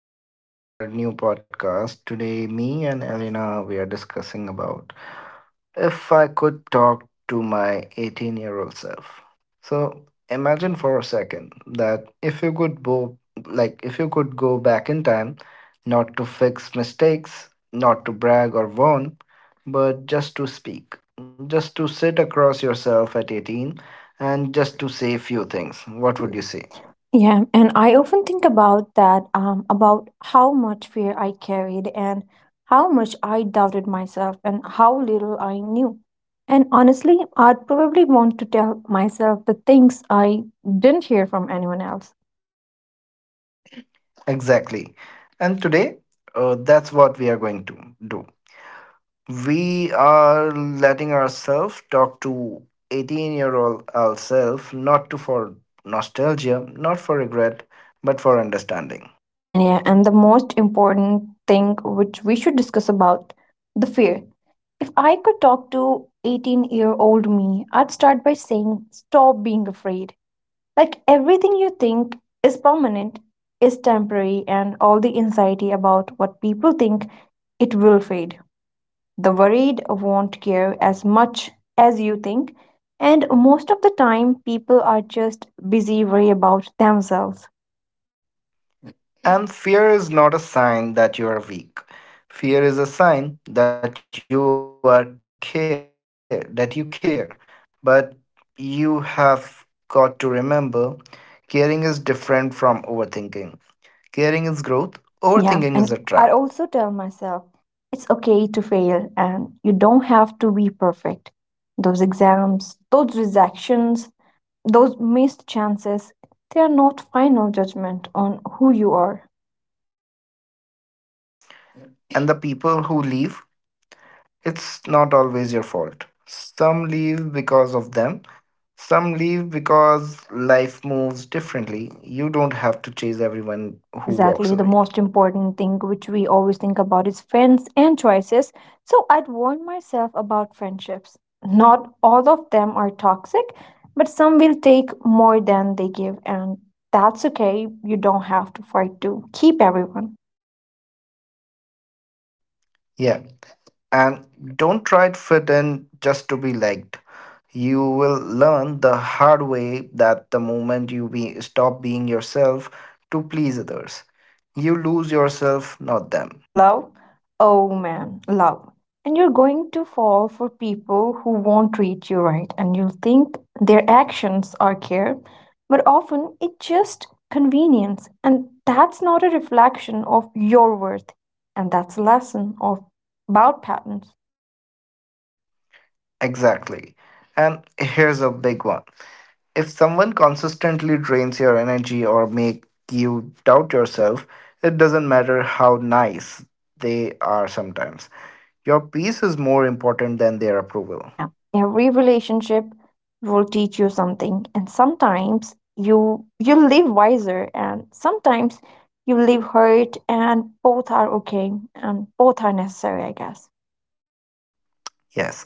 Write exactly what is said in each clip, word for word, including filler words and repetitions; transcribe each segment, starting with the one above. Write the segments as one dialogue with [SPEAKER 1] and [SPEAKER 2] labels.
[SPEAKER 1] to our new podcast. Today, me and Elena we are discussing about if I could talk to my eighteen-year-old self. So, imagine for a second that if you could go like if you could go back in time, not to fix mistakes, not to brag or warn, but just to speak, just to sit across yourself at eighteen and just to say a few things. What would you say?
[SPEAKER 2] Yeah, and I often think about that, um, about how much fear I carried and how much I doubted myself and how little I knew. And honestly, I'd probably want to tell myself the things I didn't hear from anyone else.
[SPEAKER 1] Exactly. And today, uh, that's what we are going to do. We are letting ourselves talk to eighteen year old ourselves, not to for nostalgia, not for regret, but for understanding.
[SPEAKER 2] And yeah, and the most important thing which we should discuss about the fear. If I could talk to eighteen year old me, I'd start by saying, stop being afraid. Like everything you think is permanent is temporary, and all the anxiety about what people think, it will fade. The worried won't care as much as you think, and most of the time, people are just busy worry about themselves.
[SPEAKER 1] And fear is not a sign that you are weak. Fear is a sign that you are care that you care. But you have got to remember caring is different from overthinking. Caring is growth, overthinking is a trap.
[SPEAKER 2] Yeah, and I also tell myself it's okay to fail, and you don't have to be perfect. Those exams, those rejections, those missed chances, they are not final judgment on who you are.
[SPEAKER 1] And the people who leave, it's not always your fault. Some leave because of them, some leave because life moves differently. You don't have to chase everyone who
[SPEAKER 2] Exactly, the
[SPEAKER 1] walks away.
[SPEAKER 2] most important thing which we always think about is friends and choices. So I'd warn myself about friendships. Not all of them are toxic, but some will take more than they give, and that's okay. You don't have to fight to keep everyone.
[SPEAKER 1] Yeah, and don't try to fit in just to be liked. You will learn the hard way that the moment you be, stop being yourself to please others, you lose yourself, not them.
[SPEAKER 2] And love? Oh man, love. And you're going to fall for people who won't treat you right, and you'll think their actions are care, but often it's just convenience, and that's not a reflection of your worth, and that's a lesson of about patterns.
[SPEAKER 1] Exactly. And here's a big one. If someone consistently drains your energy or make you doubt yourself, it doesn't matter how nice they are sometimes. Your peace is more important than their approval.
[SPEAKER 2] Yeah, every relationship will teach you something, and sometimes you you live wiser, and sometimes you live hurt, and both are okay, and both are necessary, I guess.
[SPEAKER 1] Yes.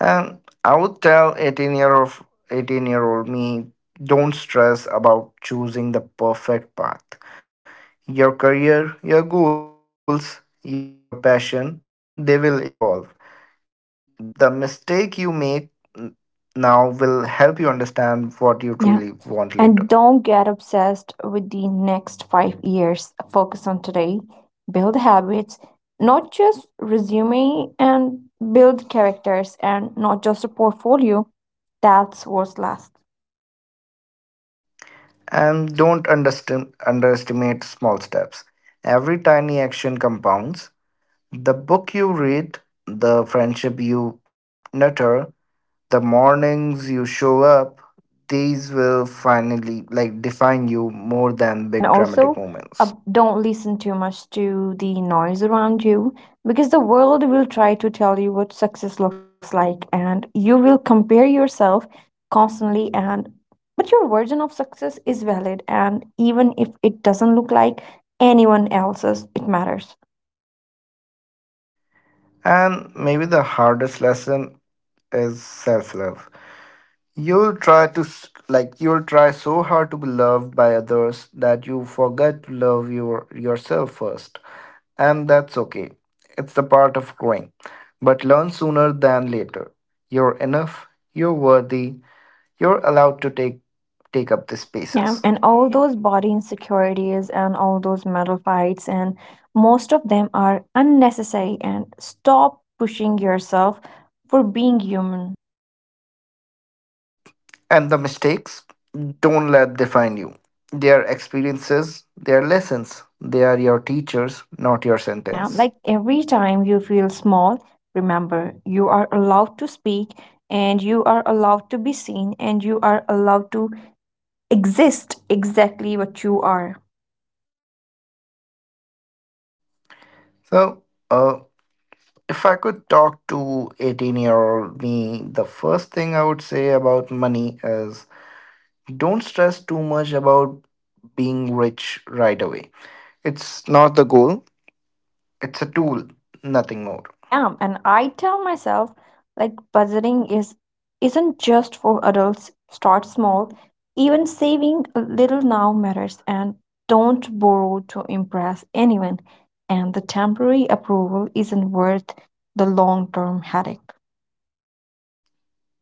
[SPEAKER 1] And I would tell eighteen year of eighteen year old me, don't stress about choosing the perfect path. Your career, your goals, your passion, they will evolve. the the mistake you make n- now will help you understand what you truly want later.
[SPEAKER 2] Yeah, and don't get obsessed with the next five years. Focus on today, build habits, not just resume, and build characters, and not just a portfolio. That's what's last.
[SPEAKER 1] And don't understim- underestimate small steps. Every tiny action compounds: the book you read, the friendship you nurture, the mornings you show up. These will finally, like, define you more than big
[SPEAKER 2] And
[SPEAKER 1] dramatic
[SPEAKER 2] also,
[SPEAKER 1] moments.
[SPEAKER 2] uh, don't listen too much to the noise around you, because the world will try to tell you what success looks like and you will compare yourself constantly, and but your version of success is valid, and even if it doesn't look like anyone else's, it matters.
[SPEAKER 1] And maybe the hardest lesson is self love. You'll try to s- like you'll try so hard to be loved by others that you forget to love your yourself first. And that's okay. It's the part of growing. But learn sooner than later. You're enough, you're worthy, you're allowed to take take up the spaces.
[SPEAKER 2] Yeah, and all those body insecurities and all those mental fights, and most of them are unnecessary, and stop pushing yourself for being human.
[SPEAKER 1] And the mistakes, don't let define you. They are experiences, they are lessons, they are your teachers, not your
[SPEAKER 2] Yeah,
[SPEAKER 1] sentence.
[SPEAKER 2] like every time you feel small, remember you are allowed to speak and you are allowed to be seen and you are allowed to exist exactly what you are.
[SPEAKER 1] So, uh, if I could talk to eighteen year old me, the first thing I would say about money is don't stress too much about being rich right away. It's not the goal, it's a tool, nothing more.
[SPEAKER 2] Yeah, and I tell myself like budgeting is isn't just for adults. Start small. Even saving a little now matters, and don't borrow to impress anyone. And the temporary approval isn't worth the long-term headache.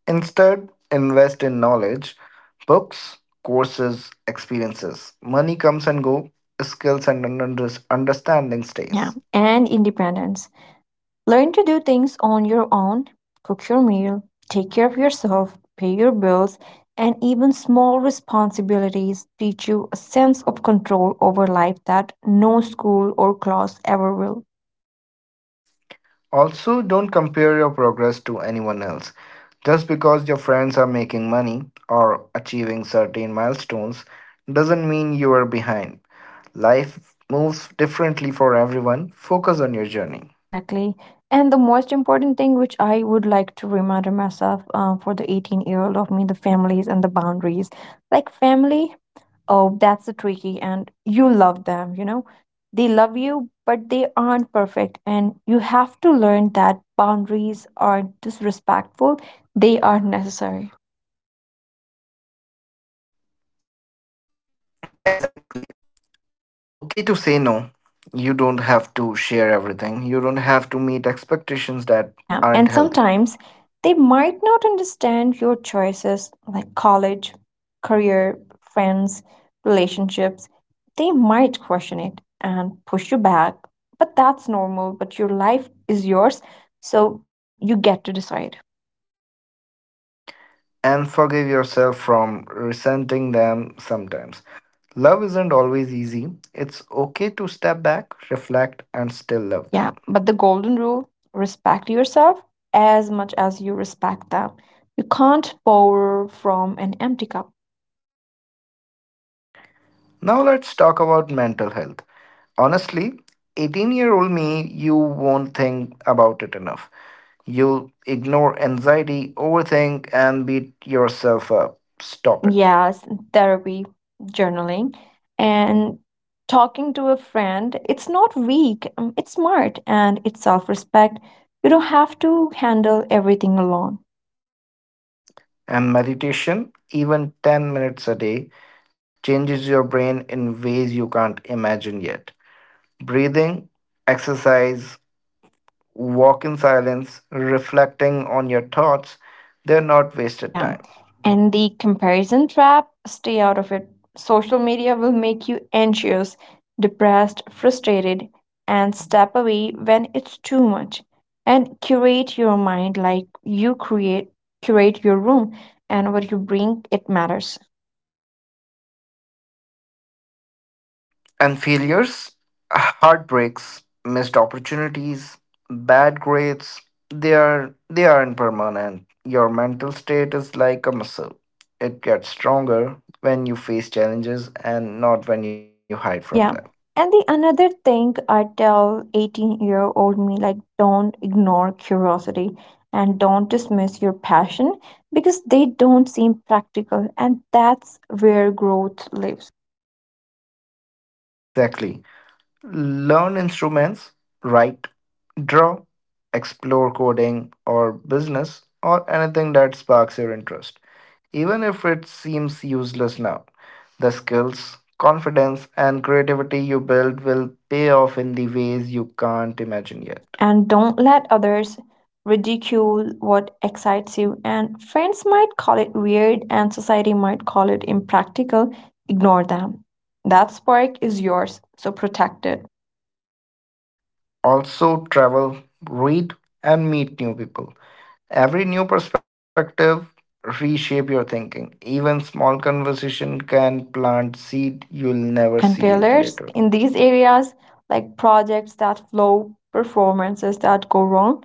[SPEAKER 1] Instead, invest in knowledge, books, courses, experiences. Money comes and go, skills and under- understanding
[SPEAKER 2] Yeah,
[SPEAKER 1] stays.
[SPEAKER 2] and independence. Learn to do things on your own, cook your meal, take care of yourself, pay your bills, and even small responsibilities teach you a sense of control over life that no school or class ever will.
[SPEAKER 1] Also, don't compare your progress to anyone else. Just because your friends are making money or achieving certain milestones doesn't mean you are behind. Life moves differently for everyone. Focus on your journey.
[SPEAKER 2] Exactly. And the most important thing which I would like to remind myself, um, for the eighteen year old of me, the families and the boundaries. Like, family. Oh, that's the tricky, and you love them, you know. They love you, but they aren't perfect, and you have to learn that boundaries are disrespectful, they are necessary.
[SPEAKER 1] Exactly. It's okay to say no. You don't have to share everything. You don't have to meet expectations that aren't healthy.
[SPEAKER 2] Yeah, and sometimes they might not understand your choices like college, career, friends, relationships. They might question it and push you back, but that's normal, but your life is yours, so you get to decide.
[SPEAKER 1] And forgive yourself from resenting them sometimes. Love isn't always easy. It's okay to step back, reflect, and still love
[SPEAKER 2] Yeah,
[SPEAKER 1] them.
[SPEAKER 2] but the golden rule, respect yourself as much as you respect them. You can't pour from an empty cup.
[SPEAKER 1] Now let's talk about mental health. Honestly, eighteen year old me, you won't think about it enough. You'll ignore anxiety, overthink, and beat yourself up. Stop it.
[SPEAKER 2] Yes, therapy, journaling, and talking to a friend. It's not weak, um, it's smart and it's self respect. You don't have to handle everything alone.
[SPEAKER 1] And meditation, even ten minutes a day, changes your brain in ways you can't imagine yet. Breathing, exercise, walk in silence, reflecting on your thoughts. They're not wasted
[SPEAKER 2] Yeah.
[SPEAKER 1] time.
[SPEAKER 2] And the comparison trap, stay out of it. Social media will make you anxious, depressed, frustrated, and step away when it's too much. And curate your mind like you create curate your room, and what you bring, it matters.
[SPEAKER 1] And failures, heartbreaks, missed opportunities, bad grades, they are they aren't permanent. Your mental state is like a muscle. It gets stronger when you face challenges and not when you hide from them.
[SPEAKER 2] Yeah. And the another thing I tell eighteen year old me, like don't ignore curiosity and don't dismiss your passion because they don't seem practical, and that's where growth lives.
[SPEAKER 1] Exactly. Learn instruments, write, draw, explore coding or business or anything that sparks your interest. Even if it seems useless now, the skills, confidence, and creativity you build will pay off in the ways you can't imagine yet.
[SPEAKER 2] And don't let others ridicule what excites you, and friends might call it weird and society might call it impractical. Ignore them. That spark is yours, so protect it.
[SPEAKER 1] Also, travel, read, and meet new people. Every new perspective reshape your thinking. Even small conversation can plant seed you'll never see
[SPEAKER 2] And
[SPEAKER 1] it later.
[SPEAKER 2] failures in these areas, like projects that flow, performances that go wrong,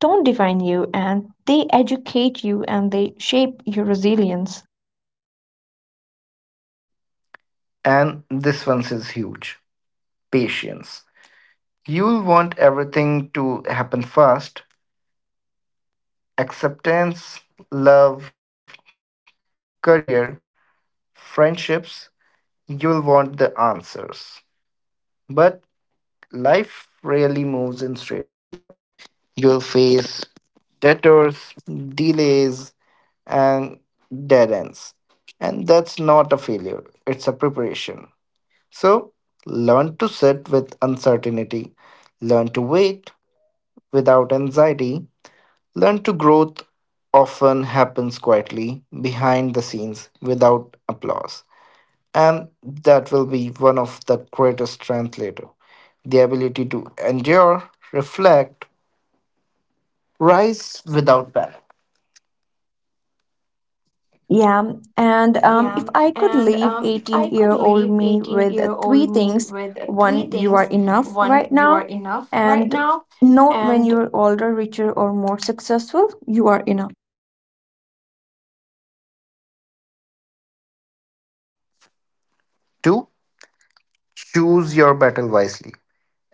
[SPEAKER 2] don't define you, and they educate you, and they shape your resilience.
[SPEAKER 1] And this one is huge. Patience. You'll want everything to happen fast. Acceptance, love, career, friendships, you'll want the answers. But life rarely moves in straight lines. You'll face detours, delays, and dead ends. And that's not a failure, it's a preparation. So, learn to sit with uncertainty, learn to wait without anxiety, learn to growth often happens quietly behind the scenes without applause. And that will be one of the greatest strengths later, the ability to endure, reflect, rise without panic.
[SPEAKER 2] Yeah,
[SPEAKER 1] Yeah, and
[SPEAKER 2] and um,
[SPEAKER 1] um,
[SPEAKER 2] if
[SPEAKER 1] if
[SPEAKER 2] I
[SPEAKER 1] I
[SPEAKER 2] could
[SPEAKER 1] could
[SPEAKER 2] leave
[SPEAKER 1] leave
[SPEAKER 2] 18
[SPEAKER 1] 18
[SPEAKER 2] year
[SPEAKER 1] year
[SPEAKER 2] old
[SPEAKER 1] old
[SPEAKER 2] me
[SPEAKER 1] me
[SPEAKER 2] with
[SPEAKER 1] with
[SPEAKER 2] three
[SPEAKER 1] three
[SPEAKER 2] things,
[SPEAKER 1] things:
[SPEAKER 2] one,
[SPEAKER 1] one,
[SPEAKER 2] you
[SPEAKER 1] you
[SPEAKER 2] are
[SPEAKER 1] are
[SPEAKER 2] enough
[SPEAKER 1] enough
[SPEAKER 2] right
[SPEAKER 1] right
[SPEAKER 2] now.
[SPEAKER 1] now,
[SPEAKER 2] And
[SPEAKER 1] and
[SPEAKER 2] note, when you're older, richer, or more successful, you are enough.
[SPEAKER 1] Two, choose your battle wisely.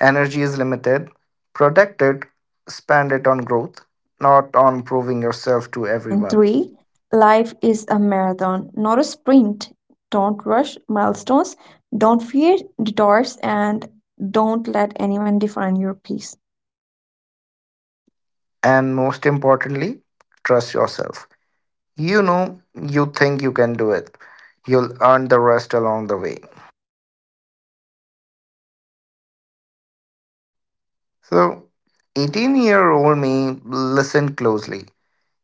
[SPEAKER 1] Energy is limited. Protect it. Spend it on growth, not on proving yourself to
[SPEAKER 2] And
[SPEAKER 1] everyone.
[SPEAKER 2] three, life is a marathon, not a sprint. Don't rush milestones, don't fear detours, and don't let anyone define your peace.
[SPEAKER 1] And most importantly, trust yourself. You know, you think you can do it. You'll earn the rest along the way. So, eighteen year old me, listen closely.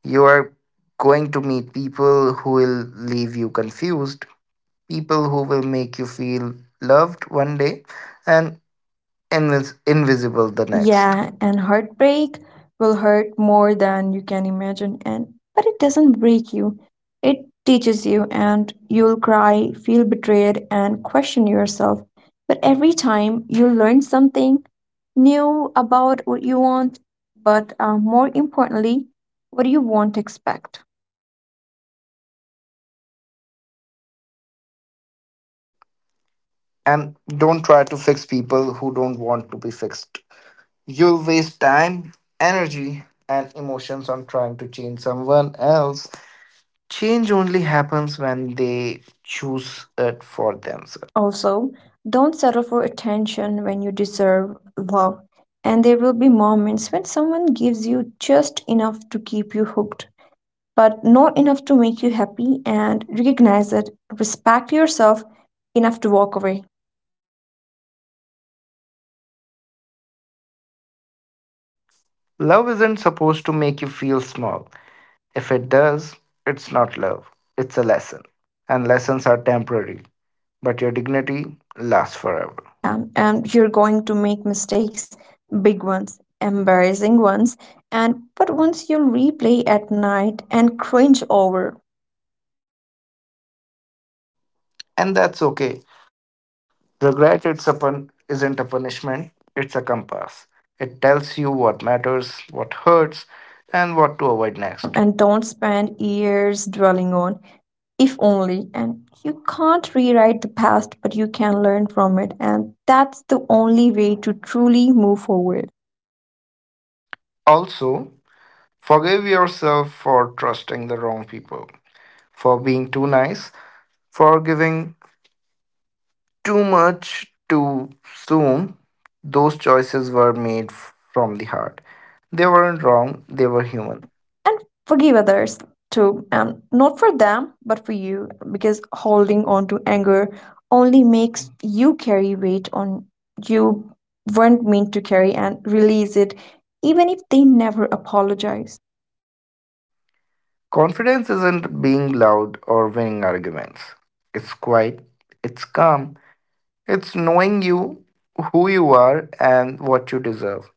[SPEAKER 1] You are going to meet people who will leave you confused, people who will make you feel loved one day and invis- invisible the next.
[SPEAKER 2] Yeah, and heartbreak will hurt more than you can imagine, and but it doesn't break you. It teaches you, and you'll cry, feel betrayed and question yourself. But every time you learn something new about what you want, but uh, more importantly, what you won't expect.
[SPEAKER 1] And don't try to fix people who don't want to be fixed. You'll waste time, energy, and emotions on trying to change someone else. Change only happens when they choose it for themselves.
[SPEAKER 2] Also, don't settle for attention when you deserve love. And there will be moments when someone gives you just enough to keep you hooked but not enough to make you happy, and recognize it. Respect yourself enough to walk away.
[SPEAKER 1] Love isn't supposed to make you feel small. If it does, it's not love, it's a lesson. And lessons are temporary, but your dignity lasts forever.
[SPEAKER 2] Yeah, and you're going to make mistakes, big ones, embarrassing ones, and but once you'll replay at night and cringe over.
[SPEAKER 1] And that's okay. Regret it's a pun- isn't a punishment, it's a compass. It tells you what matters, what hurts, and what to avoid next.
[SPEAKER 2] Yeah, and don't spend years dwelling on if only. And you can't rewrite the past, but you can learn from it. And that's the only way to truly move forward.
[SPEAKER 1] Also, forgive yourself for trusting the wrong people, for being too nice, for giving too much too soon. Those choices were made f- from the heart. They weren't wrong, they were
[SPEAKER 2] Yeah.
[SPEAKER 1] human.
[SPEAKER 2] And forgive others too. And not for them, but for you. Because holding on to anger only makes you carry weight on you weren't meant to carry, and release it, even if they never apologize.
[SPEAKER 1] Confidence isn't being loud or winning arguments. It's quiet, it's calm, it's knowing you, who you are, and what you deserve,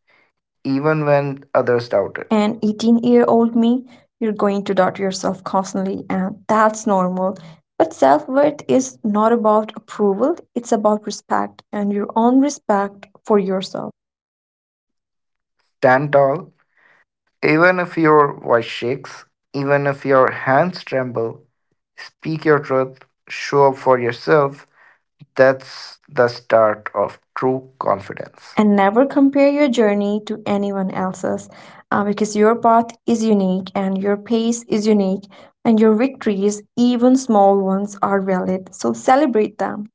[SPEAKER 1] even when others doubt it.
[SPEAKER 2] And eighteen year old me, you're going to doubt yourself constantly, and that's normal. But self worth is not about approval, it's about respect and your own respect for yourself.
[SPEAKER 1] Stand tall, even if your voice shakes, even if your hands tremble, speak your truth, show up for yourself. That's the start of true confidence.
[SPEAKER 2] And never compare your journey to anyone else's, uh, because your path is unique and your pace is unique, and your victories, even small ones, are valid, so celebrate them.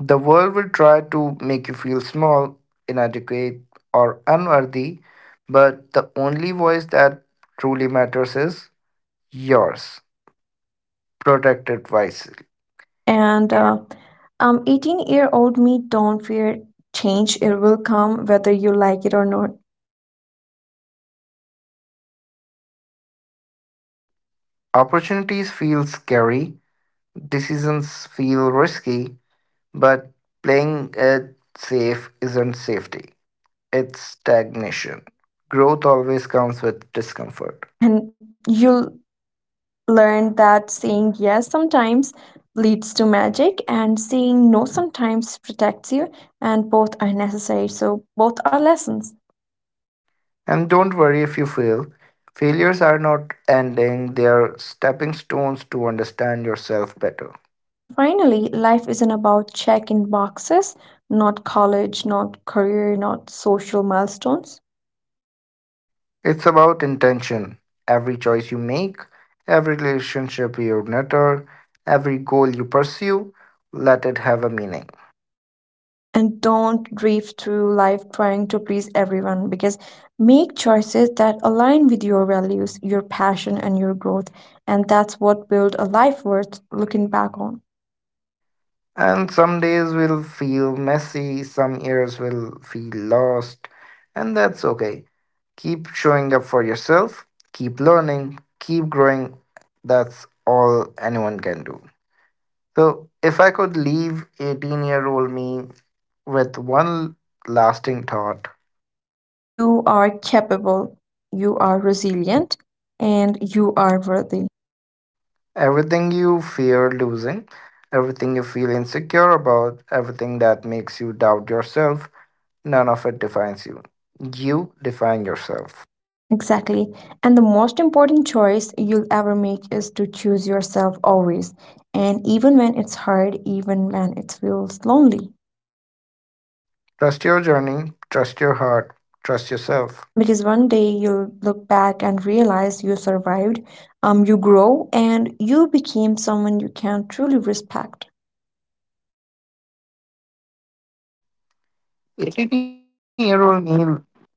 [SPEAKER 1] The world will try to make you feel small, inadequate, or unworthy, but the only voice that truly matters is yours. Protected it wisely.
[SPEAKER 2] And uh, um eighteen year old me, don't fear change, it will come whether you like it or not.
[SPEAKER 1] Opportunities feel scary, decisions feel risky, but playing it safe isn't safety, it's stagnation. Growth always comes with discomfort.
[SPEAKER 2] And you'll learn that saying yes sometimes leads to magic, and saying no sometimes protects you, and both are necessary, so both are lessons.
[SPEAKER 1] And don't worry if you fail. Failures are not ending, they are stepping stones to understand yourself better.
[SPEAKER 2] And finally, life isn't about checking boxes, not college, not career, not social milestones.
[SPEAKER 1] It's about intention. Every choice you make, every relationship you nurture, every goal you pursue, let it have a meaning.
[SPEAKER 2] And don't drift through life trying to please everyone, because make choices that align with your values, your passion, and your growth. And that's what build a life worth looking back on.
[SPEAKER 1] And some days will feel messy, some years will feel lost, and that's okay. Keep showing up for yourself, keep learning, keep growing. That's all anyone can do. So, if I could leave eighteen year old me with one lasting thought,
[SPEAKER 2] You are capable, you are resilient, and you are worthy.
[SPEAKER 1] everything you fear losing, everything you feel insecure about, everything that makes you doubt yourself, none of it defines you. You define yourself.
[SPEAKER 2] Exactly. And the most important choice you'll ever make is to choose yourself always. And even when it's hard, even when it feels lonely.
[SPEAKER 1] Trust your journey, trust your heart, trust yourself.
[SPEAKER 2] Because one day you'll look back and realize you survived, um, you grow, and you became someone you can truly respect.
[SPEAKER 1] eighteen year old me,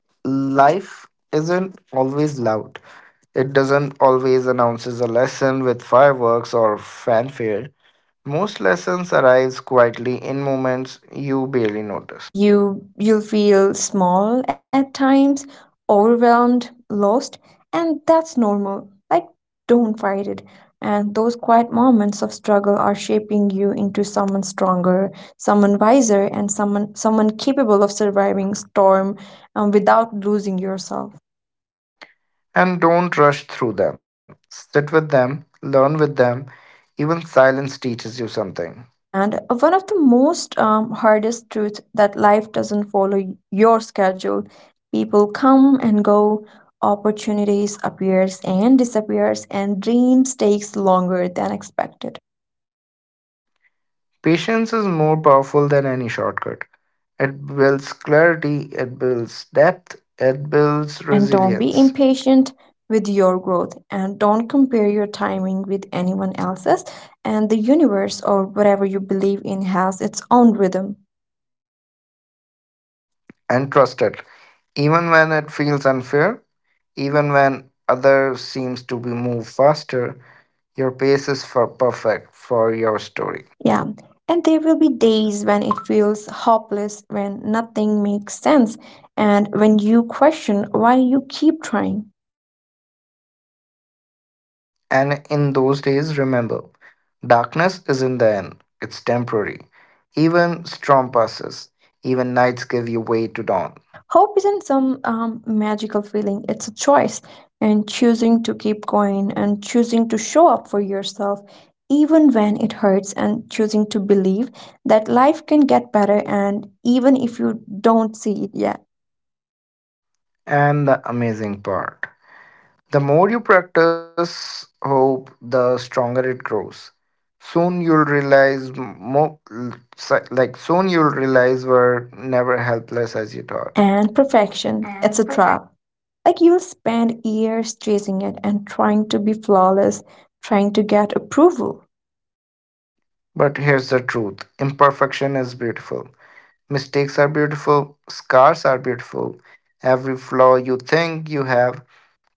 [SPEAKER 1] life isn't always loud. It doesn't always announces a lesson with fireworks or fanfare. Most lessons arrive quietly in moments you barely notice.
[SPEAKER 2] you you'll feel small at times, overwhelmed, lost, and that's normal. Like, don't fight it, and those quiet moments of struggle are shaping you into someone stronger, someone wiser, and someone someone capable of surviving storm, um, without losing yourself.
[SPEAKER 1] And don't rush through them. Sit with them, learn with them. Even silence teaches you something.
[SPEAKER 2] And one of the most um, hardest truths that life doesn't follow y- your schedule. People come and go, opportunities appears and disappears, and dreams takes longer than expected.
[SPEAKER 1] Patience is more powerful than any shortcut. It builds clarity, it builds depth, it builds
[SPEAKER 2] And don't be
[SPEAKER 1] resilience.
[SPEAKER 2] impatient with your growth, and don't compare your timing with anyone else's, and the universe or whatever you believe in has its own rhythm.
[SPEAKER 1] And trust it. Even when it feels unfair, even when others seems to be move faster, your pace is for perfect for your story.
[SPEAKER 2] Yeah, and there will be days when it feels hopeless, when nothing makes sense, and when you question why you keep trying.
[SPEAKER 1] And in those days, remember, darkness isn't the end, it's temporary. Even storm passes, even nights give you way to dawn.
[SPEAKER 2] Hope isn't some um, magical feeling, it's a choice, and choosing to keep going, and choosing to show up for yourself, even when it hurts, and choosing to believe that life can get better, and even if you don't see it yet.
[SPEAKER 1] And the amazing part, the more you practice hope, the stronger it grows. Soon you'll realize, more, like, soon you'll realize we're never helpless as you thought.
[SPEAKER 2] And perfection.
[SPEAKER 1] And
[SPEAKER 2] It's a
[SPEAKER 1] perfect.
[SPEAKER 2] trap. Like, you'll spend years chasing it and trying to be flawless, trying to get approval.
[SPEAKER 1] But here's the truth: imperfection is beautiful. Mistakes are beautiful, scars are beautiful. Every flaw you think you have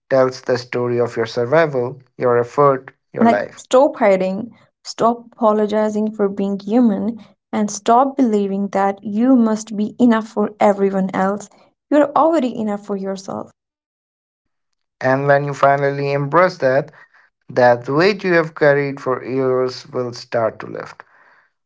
[SPEAKER 1] tells the story of your survival, your effort, your
[SPEAKER 2] Like,
[SPEAKER 1] life.
[SPEAKER 2] stop hiding, stop apologizing for being human, and stop believing that you must be enough for everyone else. You're already enough for yourself.
[SPEAKER 1] And when you finally embrace that, that weight you have carried for years will start to lift.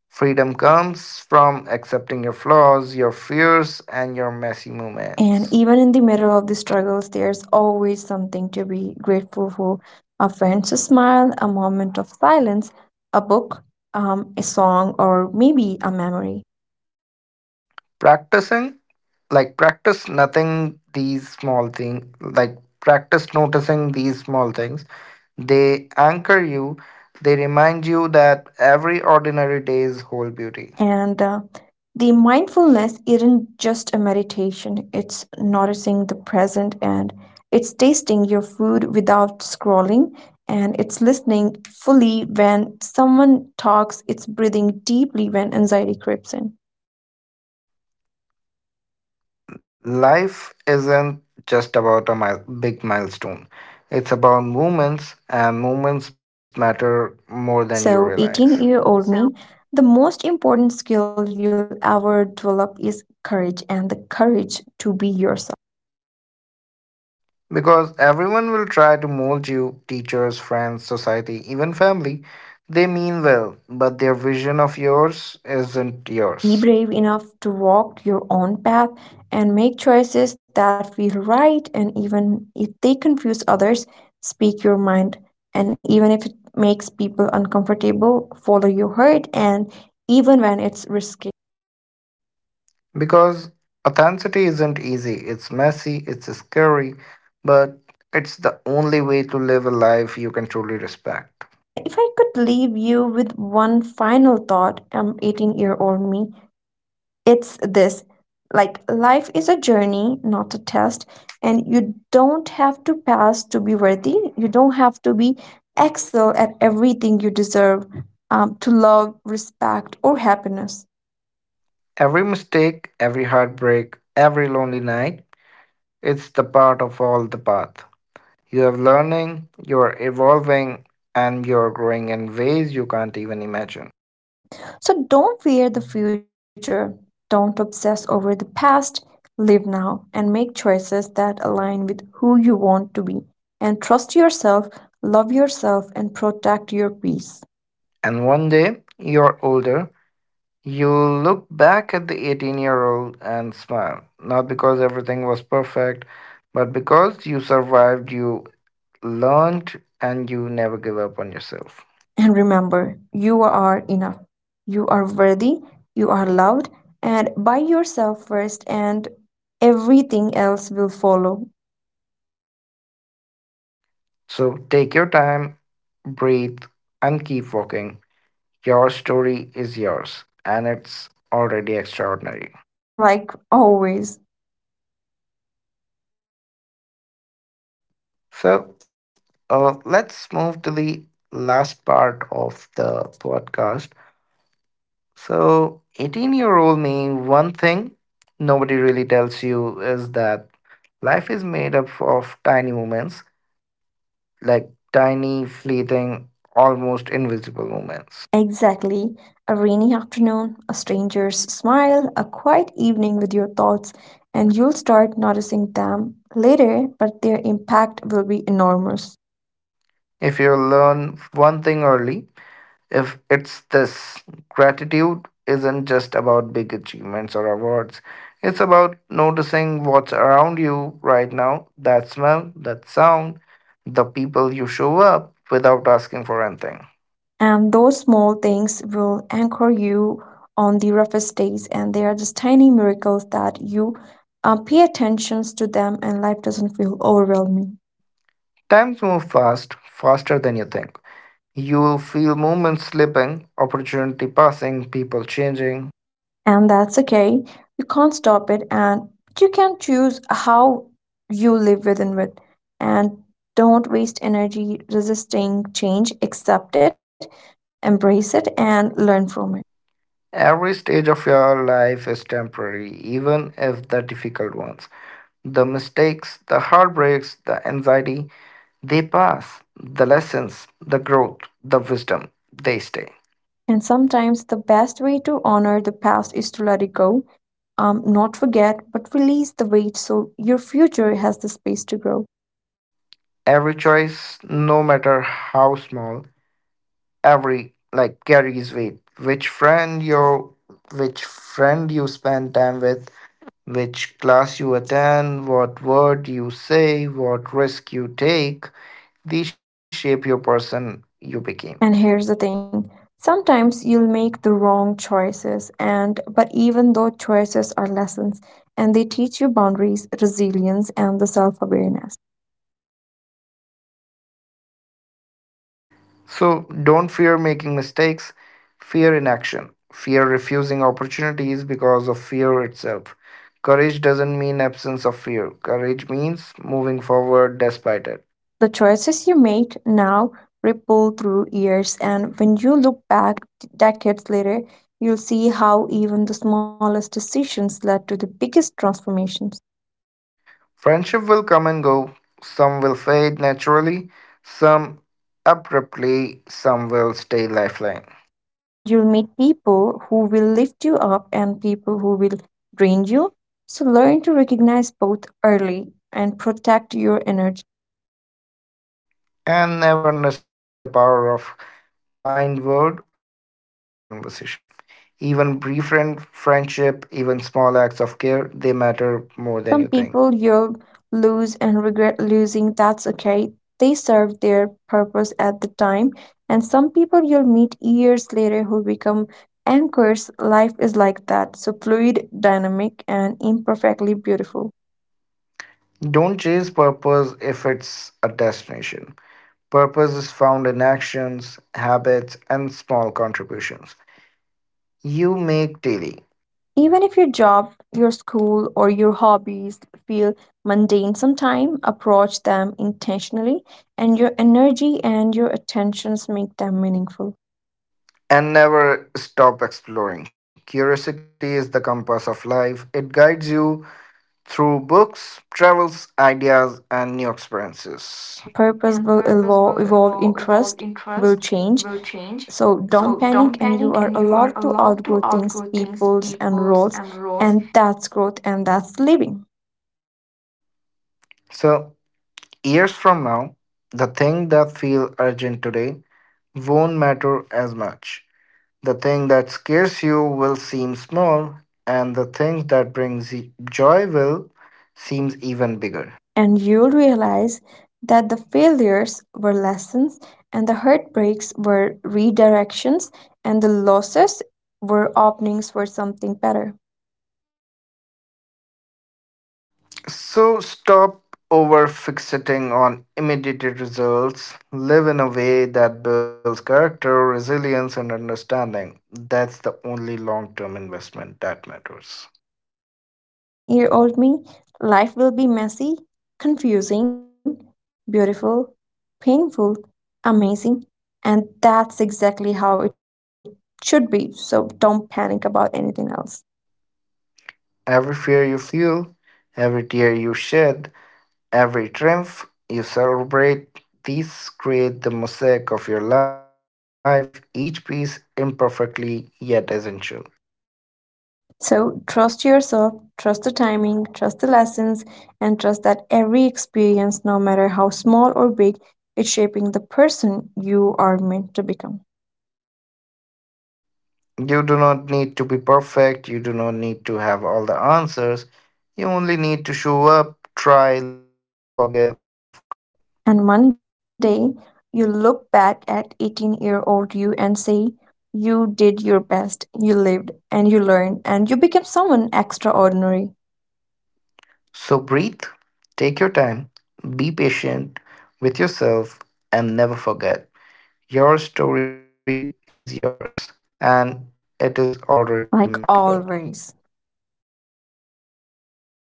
[SPEAKER 1] Freedom comes from accepting your flaws, your fears, and your messy
[SPEAKER 2] And
[SPEAKER 1] moments.
[SPEAKER 2] even in the middle of the struggles, there's always something to be grateful for, a friend's smile, a moment of silence, a book, um, a song, or maybe a memory.
[SPEAKER 1] Practicing, like practice nothing these small things, like practice noticing these small things. They anchor you, they remind you that every ordinary day's whole beauty.
[SPEAKER 2] And uh, the mindfulness isn't just a meditation, it's noticing the present, and it's tasting your food without scrolling, and it's listening fully when someone talks, it's breathing deeply when anxiety creeps in.
[SPEAKER 1] Life isn't just about a mile, big milestone, it's about moments, and moments matter more than you realize.
[SPEAKER 2] So, 18
[SPEAKER 1] So,
[SPEAKER 2] year old me, the most important skill you'll ever develop is courage, and the courage to be yourself.
[SPEAKER 1] because everyone will try to mold you, teachers, friends, society, even family, they mean well, but their vision of yours isn't yours.
[SPEAKER 2] Be brave enough to walk your own path and make choices that feel right, and even if they confuse others, speak your mind. And even if it makes people uncomfortable, follow your heart, and even when it's risky.
[SPEAKER 1] Because authenticity isn't easy, it's messy, it's scary, but it's the only way to live a life you can truly respect.
[SPEAKER 2] And if I could leave you with one final thought, um, eighteen year old me, it's this. Like, life is a journey, not a test, and you don't have to pass to be worthy, you don't have to be excel at everything, you deserve um, to love, respect, or happiness.
[SPEAKER 1] Every mistake, every heartbreak, every lonely night, it's the part of all the path. You are learning, you are evolving, and you are growing in ways you can't even imagine.
[SPEAKER 2] Yeah, so don't fear the future, don't obsess over the past, live now and make choices that align with who you want to be, and trust yourself, love yourself, and protect your peace.
[SPEAKER 1] And one day, you're older. You look back at the eighteen year old and smile, not because everything was perfect, but because you survived, you learned, and you never give up on yourself.
[SPEAKER 2] And remember, you are enough. You are worthy. You are loved. And by yourself first, and everything else will follow.
[SPEAKER 1] So take your time, breathe, and keep walking. Your story is yours, and it's already extraordinary.
[SPEAKER 2] Like always.
[SPEAKER 1] So, uh, let's move to the last part of the podcast. So, eighteen year old me, one thing nobody really tells you is that life is made up of tiny moments, like tiny, fleeting, almost invisible moments.
[SPEAKER 2] Exactly. A rainy afternoon, a stranger's smile, a quiet evening with your thoughts, and you'll start noticing them later, but their impact will be enormous.
[SPEAKER 1] If you learn one thing early, if it's this, gratitude isn't just about big achievements or awards. It's about noticing what's around you right now, that smell, that sound, the people you show up without asking for anything.
[SPEAKER 2] And those small things will anchor you on the roughest days. And they are just tiny miracles that you uh, pay attention to them, and life doesn't feel overwhelming.
[SPEAKER 1] Times move fast, faster than you think. You'll feel moments slipping, opportunity passing, people changing.
[SPEAKER 2] And that's okay. You can't stop it. And you can choose how you live within it. And don't waste energy resisting change. Accept it, embrace it, and learn from it.
[SPEAKER 1] Every stage of your life is temporary, even if the difficult ones. The mistakes, the heartbreaks, the anxiety, they pass. The lessons, the growth, the wisdom, they stay.
[SPEAKER 2] And sometimes the best way to honor the past is to let it go, um, not forget, but release the weight so your future has the space to grow.
[SPEAKER 1] Every choice, no matter how small, every like carries weight. Which friend you which friend you spend time with, which class you attend, what word you say, what risk you take, these shape your person you became.
[SPEAKER 2] And here's the thing, sometimes you'll make the wrong choices, and but even though choices are lessons, and they teach you boundaries, resilience, and the self awareness.
[SPEAKER 1] So don't fear making mistakes, fear inaction, fear refusing opportunities because of fear itself. Courage doesn't mean absence of fear. Courage means moving forward despite it.
[SPEAKER 2] The choices you make now ripple through years, and when you look back decades later, you'll see how even the smallest decisions led to the biggest transformations.
[SPEAKER 1] Friendship will come and go. Some will fade naturally, some abruptly, some will stay lifeline.
[SPEAKER 2] And you'll meet people who will lift you up and people who will drain you. So learn to recognize both early and protect your energy.
[SPEAKER 1] And never underestimate the power of kind word, or a genuine conversation. Even brief friend- friendship, even small acts of care, they matter more than you think.
[SPEAKER 2] Some people yell, lose, and regret losing. That's okay. They served their purpose at the time. And some people you'll meet years later who become anchors. Life is like that. So fluid, dynamic, and imperfectly beautiful.
[SPEAKER 1] Don't chase purpose if it's a destination. Purpose is found in actions, habits, and small contributions you make daily.
[SPEAKER 2] Even if your job, your school, or your hobbies feel mundane sometime, approach them intentionally, and your energy and your attentions make them meaningful.
[SPEAKER 1] And never stop exploring. Curiosity is the compass of life. It guides you through books, travels, ideas, and new experiences.
[SPEAKER 2] And purpose
[SPEAKER 1] And
[SPEAKER 2] will
[SPEAKER 1] purpose
[SPEAKER 2] evolve,
[SPEAKER 1] will
[SPEAKER 2] evolve
[SPEAKER 1] evolve, evolve
[SPEAKER 2] interest will
[SPEAKER 1] Interest
[SPEAKER 2] change,
[SPEAKER 1] will change,
[SPEAKER 2] so don't
[SPEAKER 1] so
[SPEAKER 2] panic,
[SPEAKER 1] don't
[SPEAKER 2] and you
[SPEAKER 1] panic,
[SPEAKER 2] are
[SPEAKER 1] and you
[SPEAKER 2] allowed
[SPEAKER 1] are
[SPEAKER 2] to
[SPEAKER 1] allowed
[SPEAKER 2] outgrow
[SPEAKER 1] to
[SPEAKER 2] things,
[SPEAKER 1] outgrow things,
[SPEAKER 2] peoples, and
[SPEAKER 1] peoples
[SPEAKER 2] roles,
[SPEAKER 1] and roles.
[SPEAKER 2] and that's growth, and that's living.
[SPEAKER 1] So, years from now, the thing that feel urgent today won't matter as much. The thing that scares you will seem small, and the thing that brings y- joy will seem even bigger.
[SPEAKER 2] And you'll realize that the failures were lessons, and the heartbreaks were redirections, and the losses were openings for something better.
[SPEAKER 1] So stop over fixating on immediate results. Live in a way that builds character, resilience, and understanding. That's the only long term investment that matters.
[SPEAKER 2] Yeah. So eighteen year old me, life will be messy, confusing, beautiful, painful, amazing. And that's exactly how it should be. So don't panic about anything else.
[SPEAKER 1] Every fear you feel, every tear you shed, every triumph you celebrate, these create the mosaic of your life, each piece imperfectly yet essential.
[SPEAKER 2] So trust yourself, trust the timing, trust the lessons, and trust that every experience, no matter how small or big, is shaping the person you are meant to become.
[SPEAKER 1] You do not need to be perfect. You do not need to have all the answers. You only need to show up, try, love, forgive, and f- grow.
[SPEAKER 2] And one day you look back at eighteen year old you and say, you did your best, you lived, and you learned, and you became someone extraordinary,
[SPEAKER 1] So breathe, take your time, be patient with yourself, and never forget your story is yours and it is already
[SPEAKER 2] like
[SPEAKER 1] remarkable.
[SPEAKER 2] always.